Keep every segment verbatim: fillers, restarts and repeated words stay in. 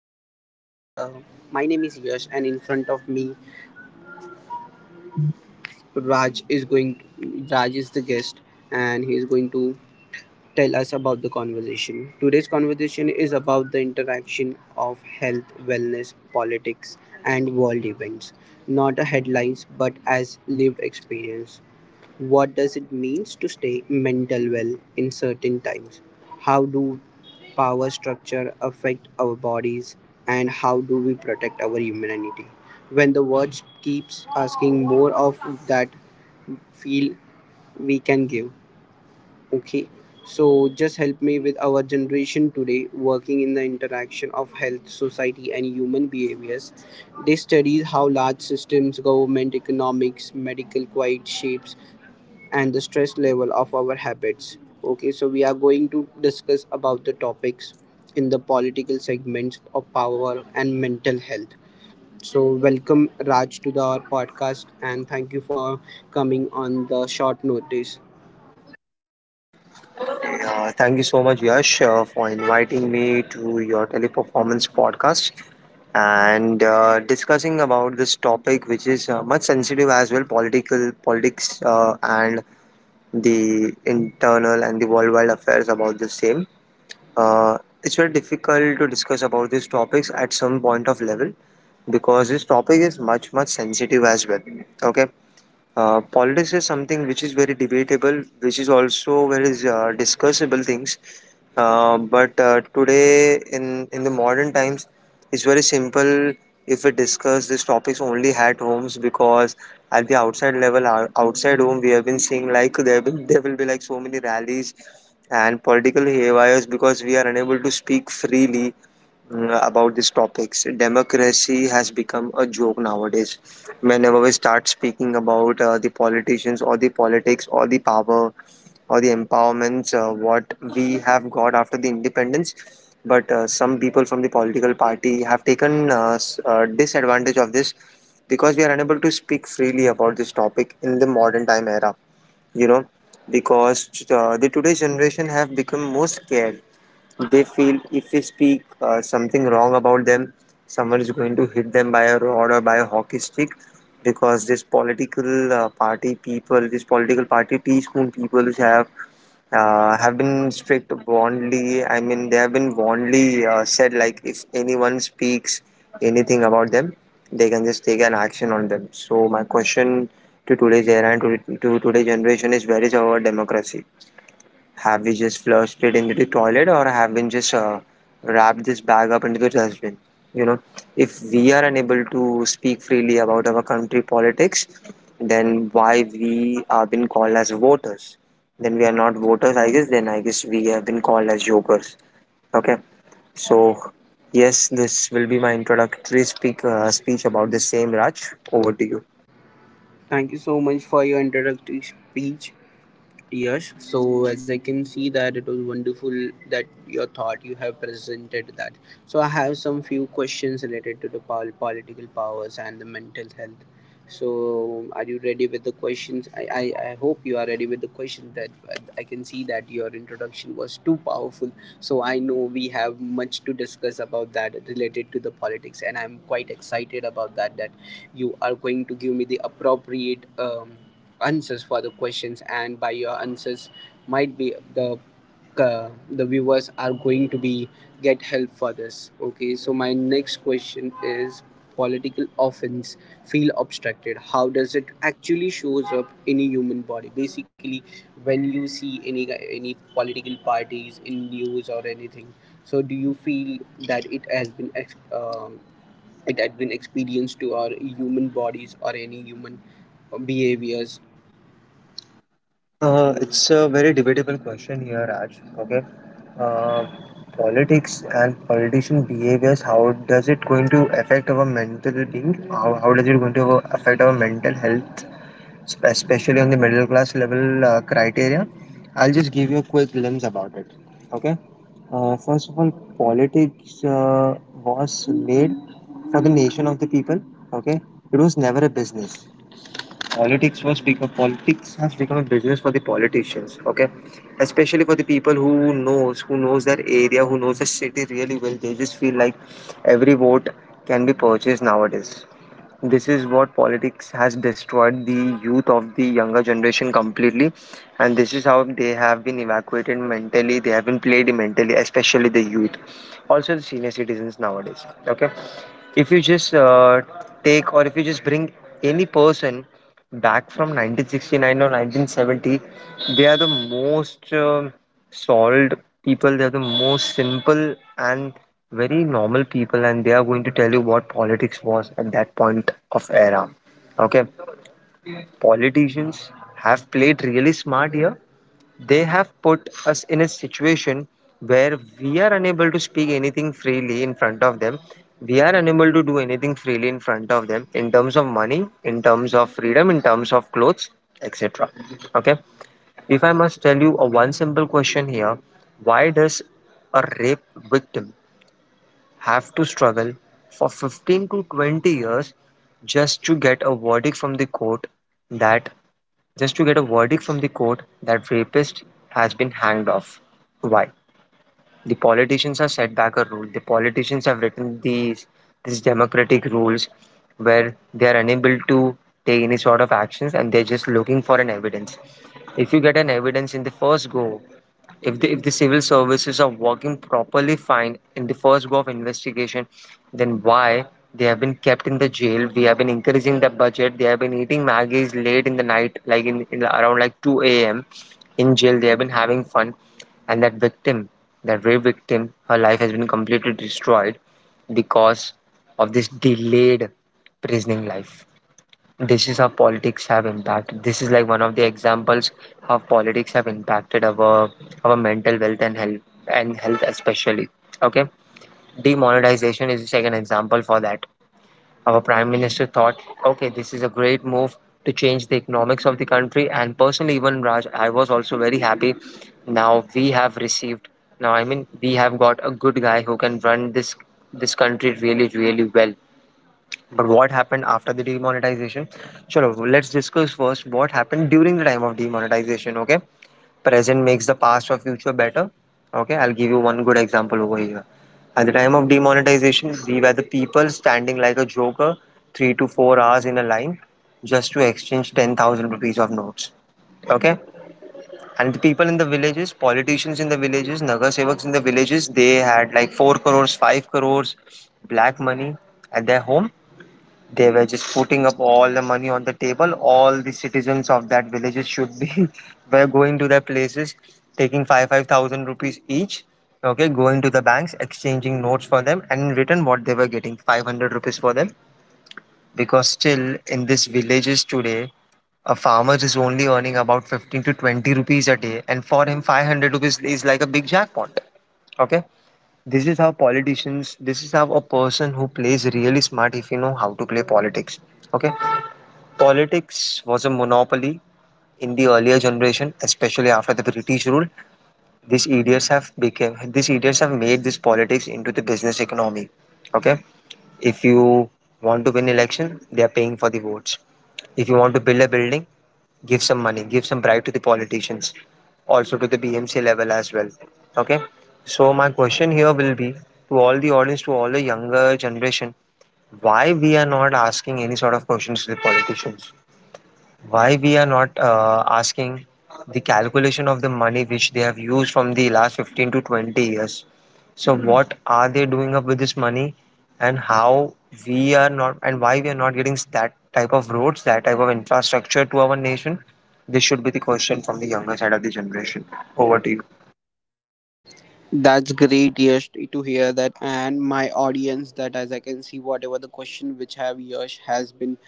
name is Raj. Uh, my name is Yash, and in front of me, Raj is going. Raj is the guest, and he is going to tell us about the conversation. Today's conversation is about the interaction of health, wellness, politics, and world events. Not a headlines, but as lived experience. What does it mean to stay mentally well in certain times? How do power structure affect our bodies and how do we protect our humanity? When the world keeps asking more of that feel we can give. Okay. So just help me with our generation today working in the interaction of health, society and human behaviors. They studies how large systems, government, economics, medical quite shapes and the stress level of our habits. Okay, so we are going to discuss about the topics in the political segments of power and mental health. So welcome Raj to the, our podcast and thank you for coming on the short notice. Uh, thank you so much, Yash, uh, for inviting me to your teleperformance podcast and uh, discussing about this topic, which is uh, much sensitive as well, political politics uh, and the internal and the worldwide affairs about the same. Uh, it's very difficult to discuss about these topics at some point of level because this topic is much much sensitive as well. Okay. Uh, politics is something which is very debatable, which is also very uh, discussable things. Uh, but uh, today, in in the modern times, it's very simple if we discuss these topics only at homes because at the outside level, ou- outside home, we have been seeing like there will there will be like so many rallies and political haywires because we are unable to speak freely mm, about these topics. Democracy has become a joke nowadays. Whenever we start speaking about uh, the politicians or the politics or the power or the empowerments, uh, what we have got after the independence, but uh, some people from the political party have taken uh, s- uh, disadvantage of this because we are unable to speak freely about this topic in the modern time era. You know, because uh, the today's generation have become more scared. They feel if we speak uh, something wrong about them, someone is going to hit them by a rod or by a hockey stick because this political uh, party people, this political party teaspoon people which have uh, have been strict warnedly. I mean, they have been warnedly uh, said like if anyone speaks anything about them, they can just take an action on them. So my question to today's era and to, to today's generation is, where is our democracy? Have we just flushed it into the toilet or have we just uh, wrapped this bag up into the dustbin? You know, if we are unable to speak freely about our country politics, then why we are been called as voters? Then we are not voters, I guess. Then I guess we have been called as jokers. Okay, so yes, this will be my introductory speak uh, speech about the same, Raj. Over to you. Thank you so much for your introductory speech, Yash. So as I can see that it was wonderful that your thought you have presented that. So I have some few questions related to the pol- political powers and the mental health. So, are you ready with the questions? I, I, I hope you are ready with the question. That I can see that your introduction was too powerful. So I know we have much to discuss about that related to the politics, and I'm quite excited about that. That you are going to give me the appropriate um, answers for the questions, and by your answers, might be the uh, the viewers are going to be get help for this. Okay, so my next question is political offense feel obstructed, how does it actually shows up in a human body? Basically, when you see any any political parties in news or anything, so do you feel that it has been ex- um it had been experienced to our human bodies or any human behaviors? Uh, it's a very debatable question here, Raj. Okay, uh, politics and politician behaviors. How does it going to affect our mental being? How, how does it going to affect our mental health, spe- especially on the middle class level uh, criteria? I'll just give you a quick glimpse about it. Okay. Uh, first of all, politics uh, was made for the nation of the people. Okay, it was never a business. Politics was become politics has become a business for the politicians. Okay, especially for the people who knows who knows their area, who knows the city really well. They just feel like every vote can be purchased nowadays. This is what politics has destroyed the youth of the younger generation completely, and this is how they have been evacuated mentally. They have been played mentally, especially the youth, also the senior citizens nowadays. Okay, if you just uh, take or if you just bring any person back from nineteen sixty-nine or nineteen seventy, they are the most um solved people, they are the most simple and very normal people, and they are going to tell you what politics was at that point of era. Okay, politicians have played really smart here. They have put us in a situation where we are unable to speak anything freely in front of them. We are unable to do anything freely in front of them in terms of money, in terms of freedom, in terms of clothes, et cetera. Okay. If I must tell you a one simple question here, why does a rape victim have to struggle for fifteen to twenty years just to get a verdict from the court that just to get a verdict from the court that rapist has been hanged off. Why? The politicians have set back a rule. The politicians have written these these democratic rules where they are unable to take any sort of actions and they're just looking for an evidence. If you get an evidence in the first go, if the if the civil services are working properly fine in the first go of investigation, then why they have been kept in the jail? We have been increasing the budget. They have been eating maggies late in the night like in, in around like two a.m in jail. They have been having fun, and that victim, that rape victim, her life has been completely destroyed because of this delayed prisoning life. This is how politics have impacted. This is like one of the examples how politics have impacted our our mental wealth and health, and health especially. Okay, demonetization is the second example for that. Our prime minister thought, okay, this is a great move to change the economics of the country, and personally, even Raj, I was also very happy. Now we have received, now I mean, we have got a good guy who can run this this country really really well. But what happened after the demonetization? Chalo, let's discuss first what happened during the time of demonetization. Okay, present makes the past or future better. Okay, I'll give you one good example over here. At the time of demonetization, we were the people standing like a joker, three to four hours in a line, just to exchange ten thousand rupees of notes. Okay, and the people in the villages, politicians in the villages, nagar sevaks in the villages, they had like four crores, five crores, black money at their home. They were just putting up all the money on the table. All the citizens of that villages should be were going to their places, taking five five thousand rupees each. Okay, going to the banks, exchanging notes for them, and in return, what they were getting, five hundred rupees for them. Because still in these villages today, a farmer is only earning about fifteen to twenty rupees a day, and for him, five hundred rupees is like a big jackpot. Okay, this is how politicians. This is how a person who plays really smart if you know how to play politics. Okay, politics was a monopoly in the earlier generation, especially after the British rule. These idiots have became, these idiots have made this politics into the business economy. Okay, if you want to win election, they are paying for the votes. If you want to build a building, give some money, give some bribe to the politicians, also to the B M C level as well. Okay, so my question here will be to all the audience, to all the younger generation, why we are not asking any sort of questions to the politicians? Why we are not uh, asking the calculation of the money which they have used from the last fifteen to twenty years, so Hmm. what are they doing up with this money, and how we are not and why we are not getting that type of roads, that type of infrastructure to our nation? This should be the question from the younger side of the generation. Over to you. That's great, Yash, to hear that, and my audience that as I can see, whatever the question which have Yash has been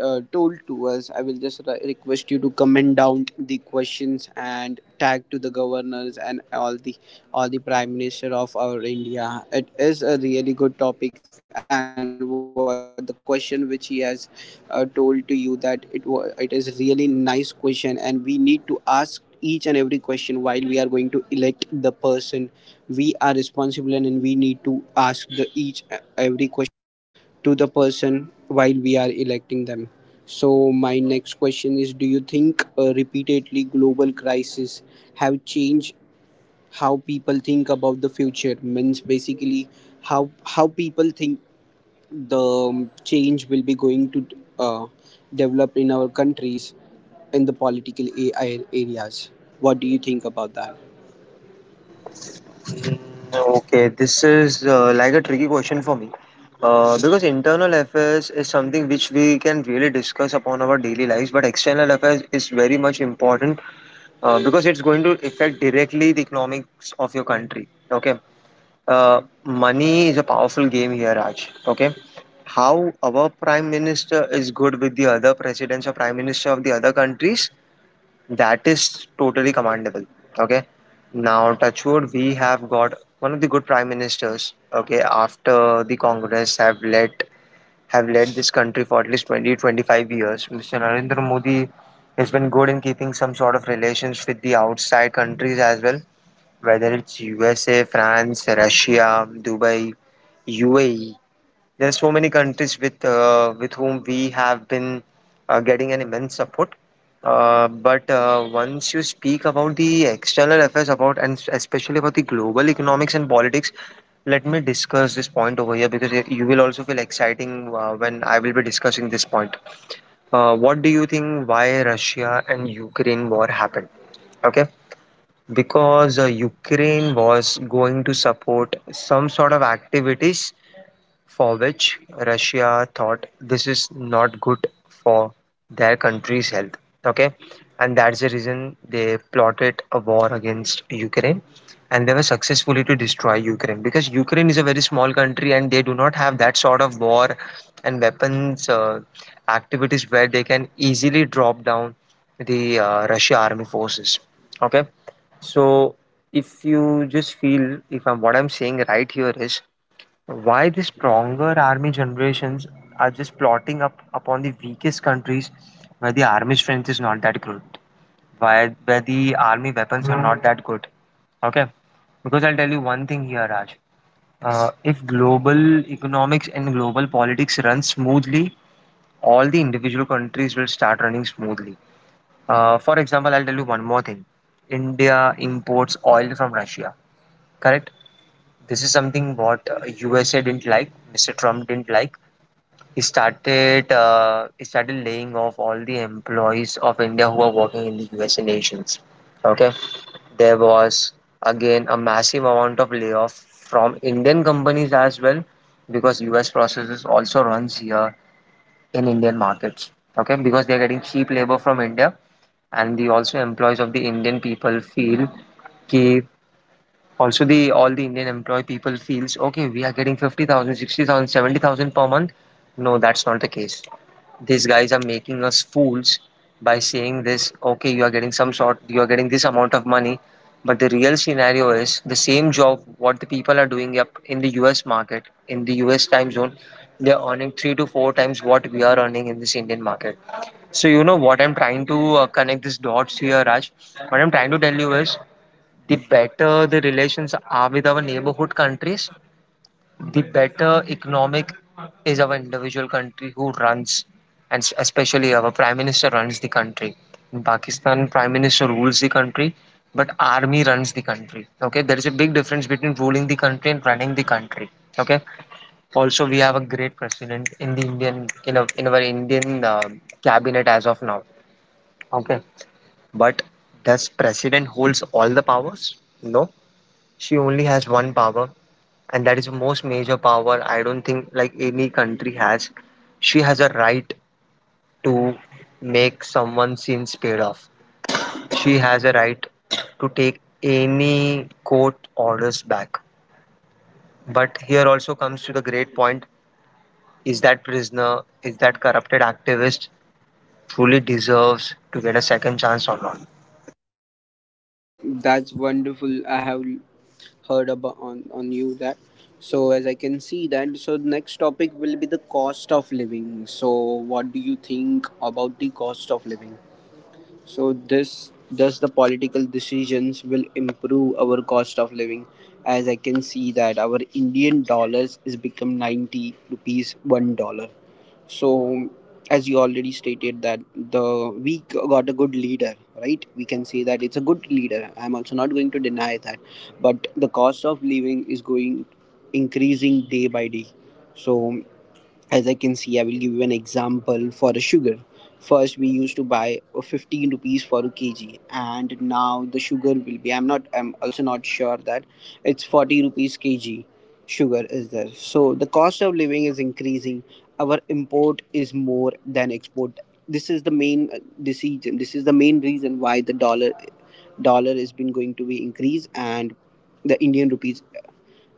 uh, told to us, I will just re- request you to comment down the questions and tag to the governors and all the all the prime minister of our India. It is a really good topic, and what the question which he has uh, told to you that it was it is really nice question, and we need to ask each and every question while we are going to elect the person. We are responsible and we need to ask the each every question to the person while we are electing them. So my next question is, do you think uh, repeatedly global crises have changed how people think about the future? Means basically, how how people think the change will be going to uh, develop in our countries in the political A I areas. What do you think about that? Okay, this is uh, like a tricky question for me. Uh, because internal affairs is something which we can really discuss upon our daily lives, but external affairs is very much important uh, because it's going to affect directly the economics of your country. Okay, uh, money is a powerful game here, Raj. Okay, how our prime minister is good with the other presidents or prime minister of the other countries, that is totally commendable. Okay. Now, touch wood, we have got one of the good prime ministers. Okay, after the Congress have led have led this country for at least twenty twenty five years. mister Narendra Modi has been good in keeping some sort of relations with the outside countries as well, whether it's U S A, France, Russia, Dubai, U A E. There are so many countries with uh, with whom we have been uh, getting an immense support. Uh, but uh, once you speak about the external affairs about and especially about the global economics and politics, let me discuss this point over here because y- you will also feel exciting uh, when I will be discussing this point. Uh, what do you think why Russia and Ukraine war happened? Okay, because uh, Ukraine was going to support some sort of activities for which Russia thought this is not good for their country's health. Okay, and that's the reason they plotted a war against Ukraine, and they were successfully to destroy Ukraine because Ukraine is a very small country and they do not have that sort of war and weapons uh, activities where they can easily drop down the uh, Russia army forces. Okay, so if you just feel if I'm what I'm saying right here is why the stronger army generations are just plotting up upon the weakest countries where the army strength is not that good, why where the army weapons are not that good. Okay, because I'll tell you one thing here, Raj. Uh, if global economics and global politics run smoothly, all the individual countries will start running smoothly. Uh, for example, I'll tell you one more thing. India imports oil from Russia. Correct. This is something what uh, U S A didn't like. Mister Trump didn't like. He started uh, he started laying off all the employees of India who are working in the U S nations. Okay, there was again a massive amount of layoff from Indian companies as well, because U S processes also runs here in Indian markets. Okay, because they're getting cheap labor from India, and the also employees of the Indian people feel कि. Also the all the Indian employee people feels, okay, we are getting fifty thousand, sixty thousand, seventy thousand per month. No, that's not the case. These guys are making us fools by saying this, okay, you are getting some sort you are getting this amount of money. But the real scenario is, the same job what the people are doing up in the U S market, in the U S time zone, they are earning three to four times what we are earning in this Indian market. So you know what I'm trying to uh, connect these dots here, Raj. What I'm trying to tell you is the better the relations are with our neighborhood countries, the better economic is our individual country who runs, and s- especially our prime minister runs the country. In Pakistan, prime minister rules the country, but army runs the country. Okay, there is a big difference between ruling the country and running the country. Okay, also we have a great president in the indian in, a in our Indian uh, cabinet as of now. Okay, but does president holds all the powers? No. She only has one power, and that is the most major power. I don't think like any country has. She has a right to make someone sins paid off. She has a right to take any court orders back. But here also comes to the great point, is that prisoner, is that corrupted activist truly deserves to get a second chance or not? That's wonderful. I have heard about on, on you that. So as I can see that, so next topic will be the cost of living. So what do you think about the cost of living? So this thus the political decisions will improve our cost of living, as I can see that our Indian dollars is become ninety rupees one dollar. So as you already stated that the we got a good leader, right? We can say that it's a good leader, I'm also not going to deny that, but the cost of living is going increasing day by day. So as I can see, I will give you an example for the sugar. First we used to buy uh, fifteen rupees for a kg, and now the sugar will be, I'm not, I'm also not sure that it's forty rupees kg sugar is there. So the cost of living is increasing. Our import is more than export. This is the main uh, decision, this is the main reason why the dollar dollar has been going to be increased and the indian rupees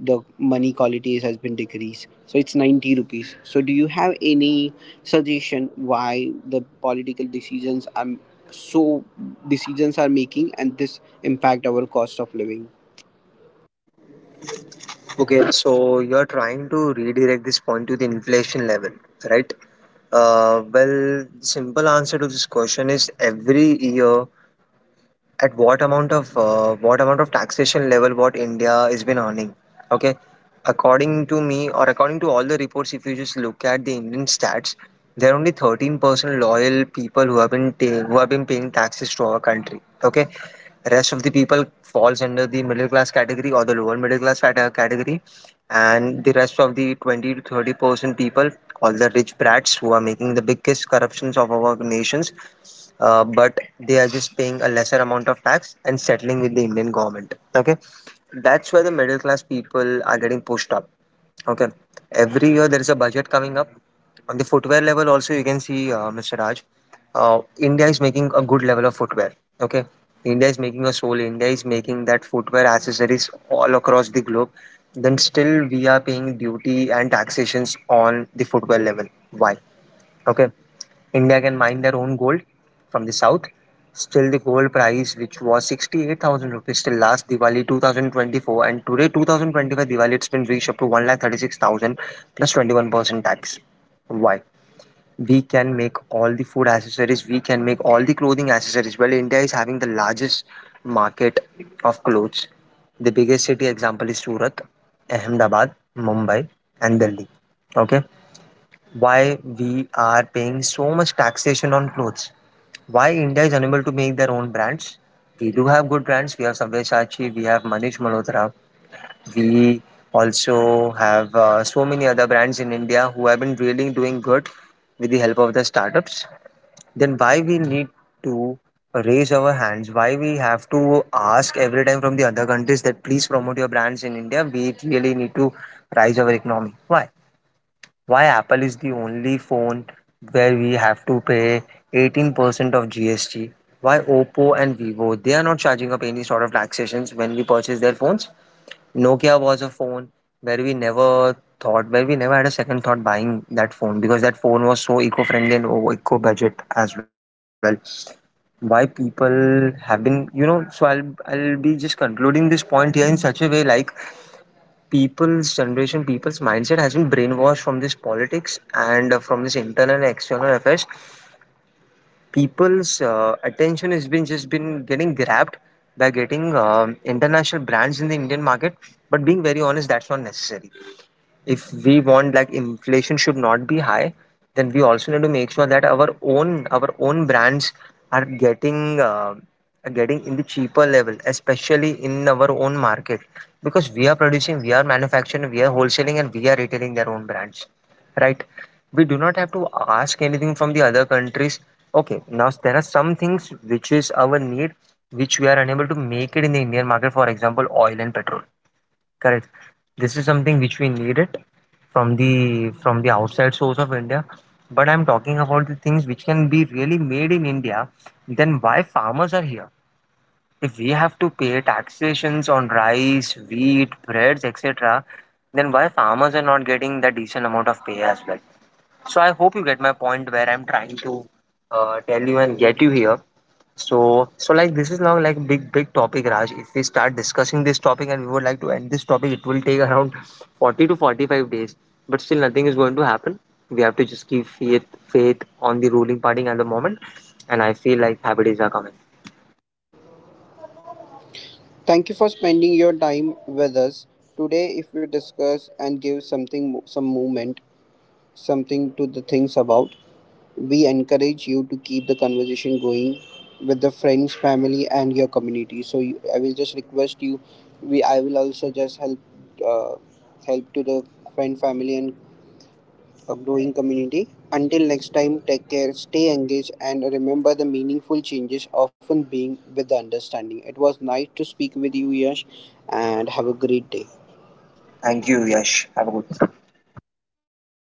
the money quality has been decreased, so it's ninety rupees. So do you have any suggestion why the political decisions are so decisions are making and this impact our cost of living? Okay, so you're trying to redirect this point to the inflation level, right? Uh, well, the simple answer to this question is every year, at what amount of uh, what amount of taxation level what India has been earning. Okay, according to me or according to all the reports, if you just look at the Indian stats, there are only thirteen percent loyal people who have been ta- who have been paying taxes to our country. Okay, rest of the people falls under the middle class category or the lower middle class cate- category, and the rest of the twenty to thirty percent people, all the rich brats who are making the biggest corruptions of our nations, uh, but they are just paying a lesser amount of tax and settling with the Indian government. Okay, that's where the middle class people are getting pushed up. Okay. Every year there is a budget coming up. On the footwear level, also you can see, uh, Mister Raj, uh, India is making a good level of footwear. Okay. India is making a sole. India is making that footwear accessories all across the globe. Then still we are paying duty and taxations on the footwear level. Why? Okay. India can mine their own gold from the south. Still, the gold price, which was sixty-eight thousand rupees till last Diwali twenty twenty-four, and today two thousand twenty-five Diwali, it's been reached up to one lakh thirty-six thousand. twenty-one percent tax. Why? We can make all the food accessories, we can make all the clothing accessories. Well, India is having the largest market of clothes. The biggest city example is Surat, Ahmedabad, Mumbai, and Delhi. Okay, why we are paying so much taxation on clothes? Why India is unable to make their own brands? We do have good brands. We have Sabyasachi, we have Manish Malhotra. We also have uh, so many other brands in India who have been really doing good with the help of the startups. Then why we need to raise our hands? Why we have to ask every time from the other countries that please promote your brands in India? We really need to rise our economy. Why why Apple is the only phone where we have to pay eighteen percent of G S T? Why Oppo and Vivo they are not charging up any sort of taxations when we purchase their phones? Nokia was a phone where we never thought, where we never had a second thought buying that phone, because that phone was so eco-friendly and eco budget as well. Why people have been, you know, so I'll I'll be just concluding this point here in such a way, like, people's generation, people's mindset has been brainwashed from this politics and uh, from this internal and external affairs. People's uh, attention has been just been getting grabbed by getting um international brands in the Indian market. But being very honest, that's not necessary. If we want, like, inflation should not be high, then we also need to make sure that our own our own brands are getting uh, are getting in the cheaper level, especially in our own market, because we are producing, we are manufacturing, we are wholesaling, and we are retailing their own brands, right? We do not have to ask anything from the other countries. Okay, now there are some things which is our need, which we are unable to make it in the Indian market, for example, oil and petrol. Correct. This is something which we needed from the from the outside source of India. But I'm talking about the things which can be really made in India. Then why farmers are here? If we have to pay taxations on rice, wheat, breads, et cetera, then why farmers are not getting the decent amount of pay as well? So I hope you get my point where I'm trying to uh, tell you and get you here. So, so like, this is now like big, big topic, Raj. If we start discussing this topic and we would like to end this topic, it will take around forty to forty-five days. But still, nothing is going to happen. We have to just keep faith, faith on the ruling party at the moment. And I feel like happy days are coming. Thank you for spending your time with us today. If we discuss and give something some movement something to the things about, we encourage you to keep the conversation going with the friends, family, and your community. So you, I will just request you. We I will also just help uh, help to the friend, family, and a growing community. Until next time, take care, stay engaged, and remember the meaningful changes often being with the understanding. It was nice to speak with you, Yash, and have a great day. Thank you, Thank you. Yash. Have a good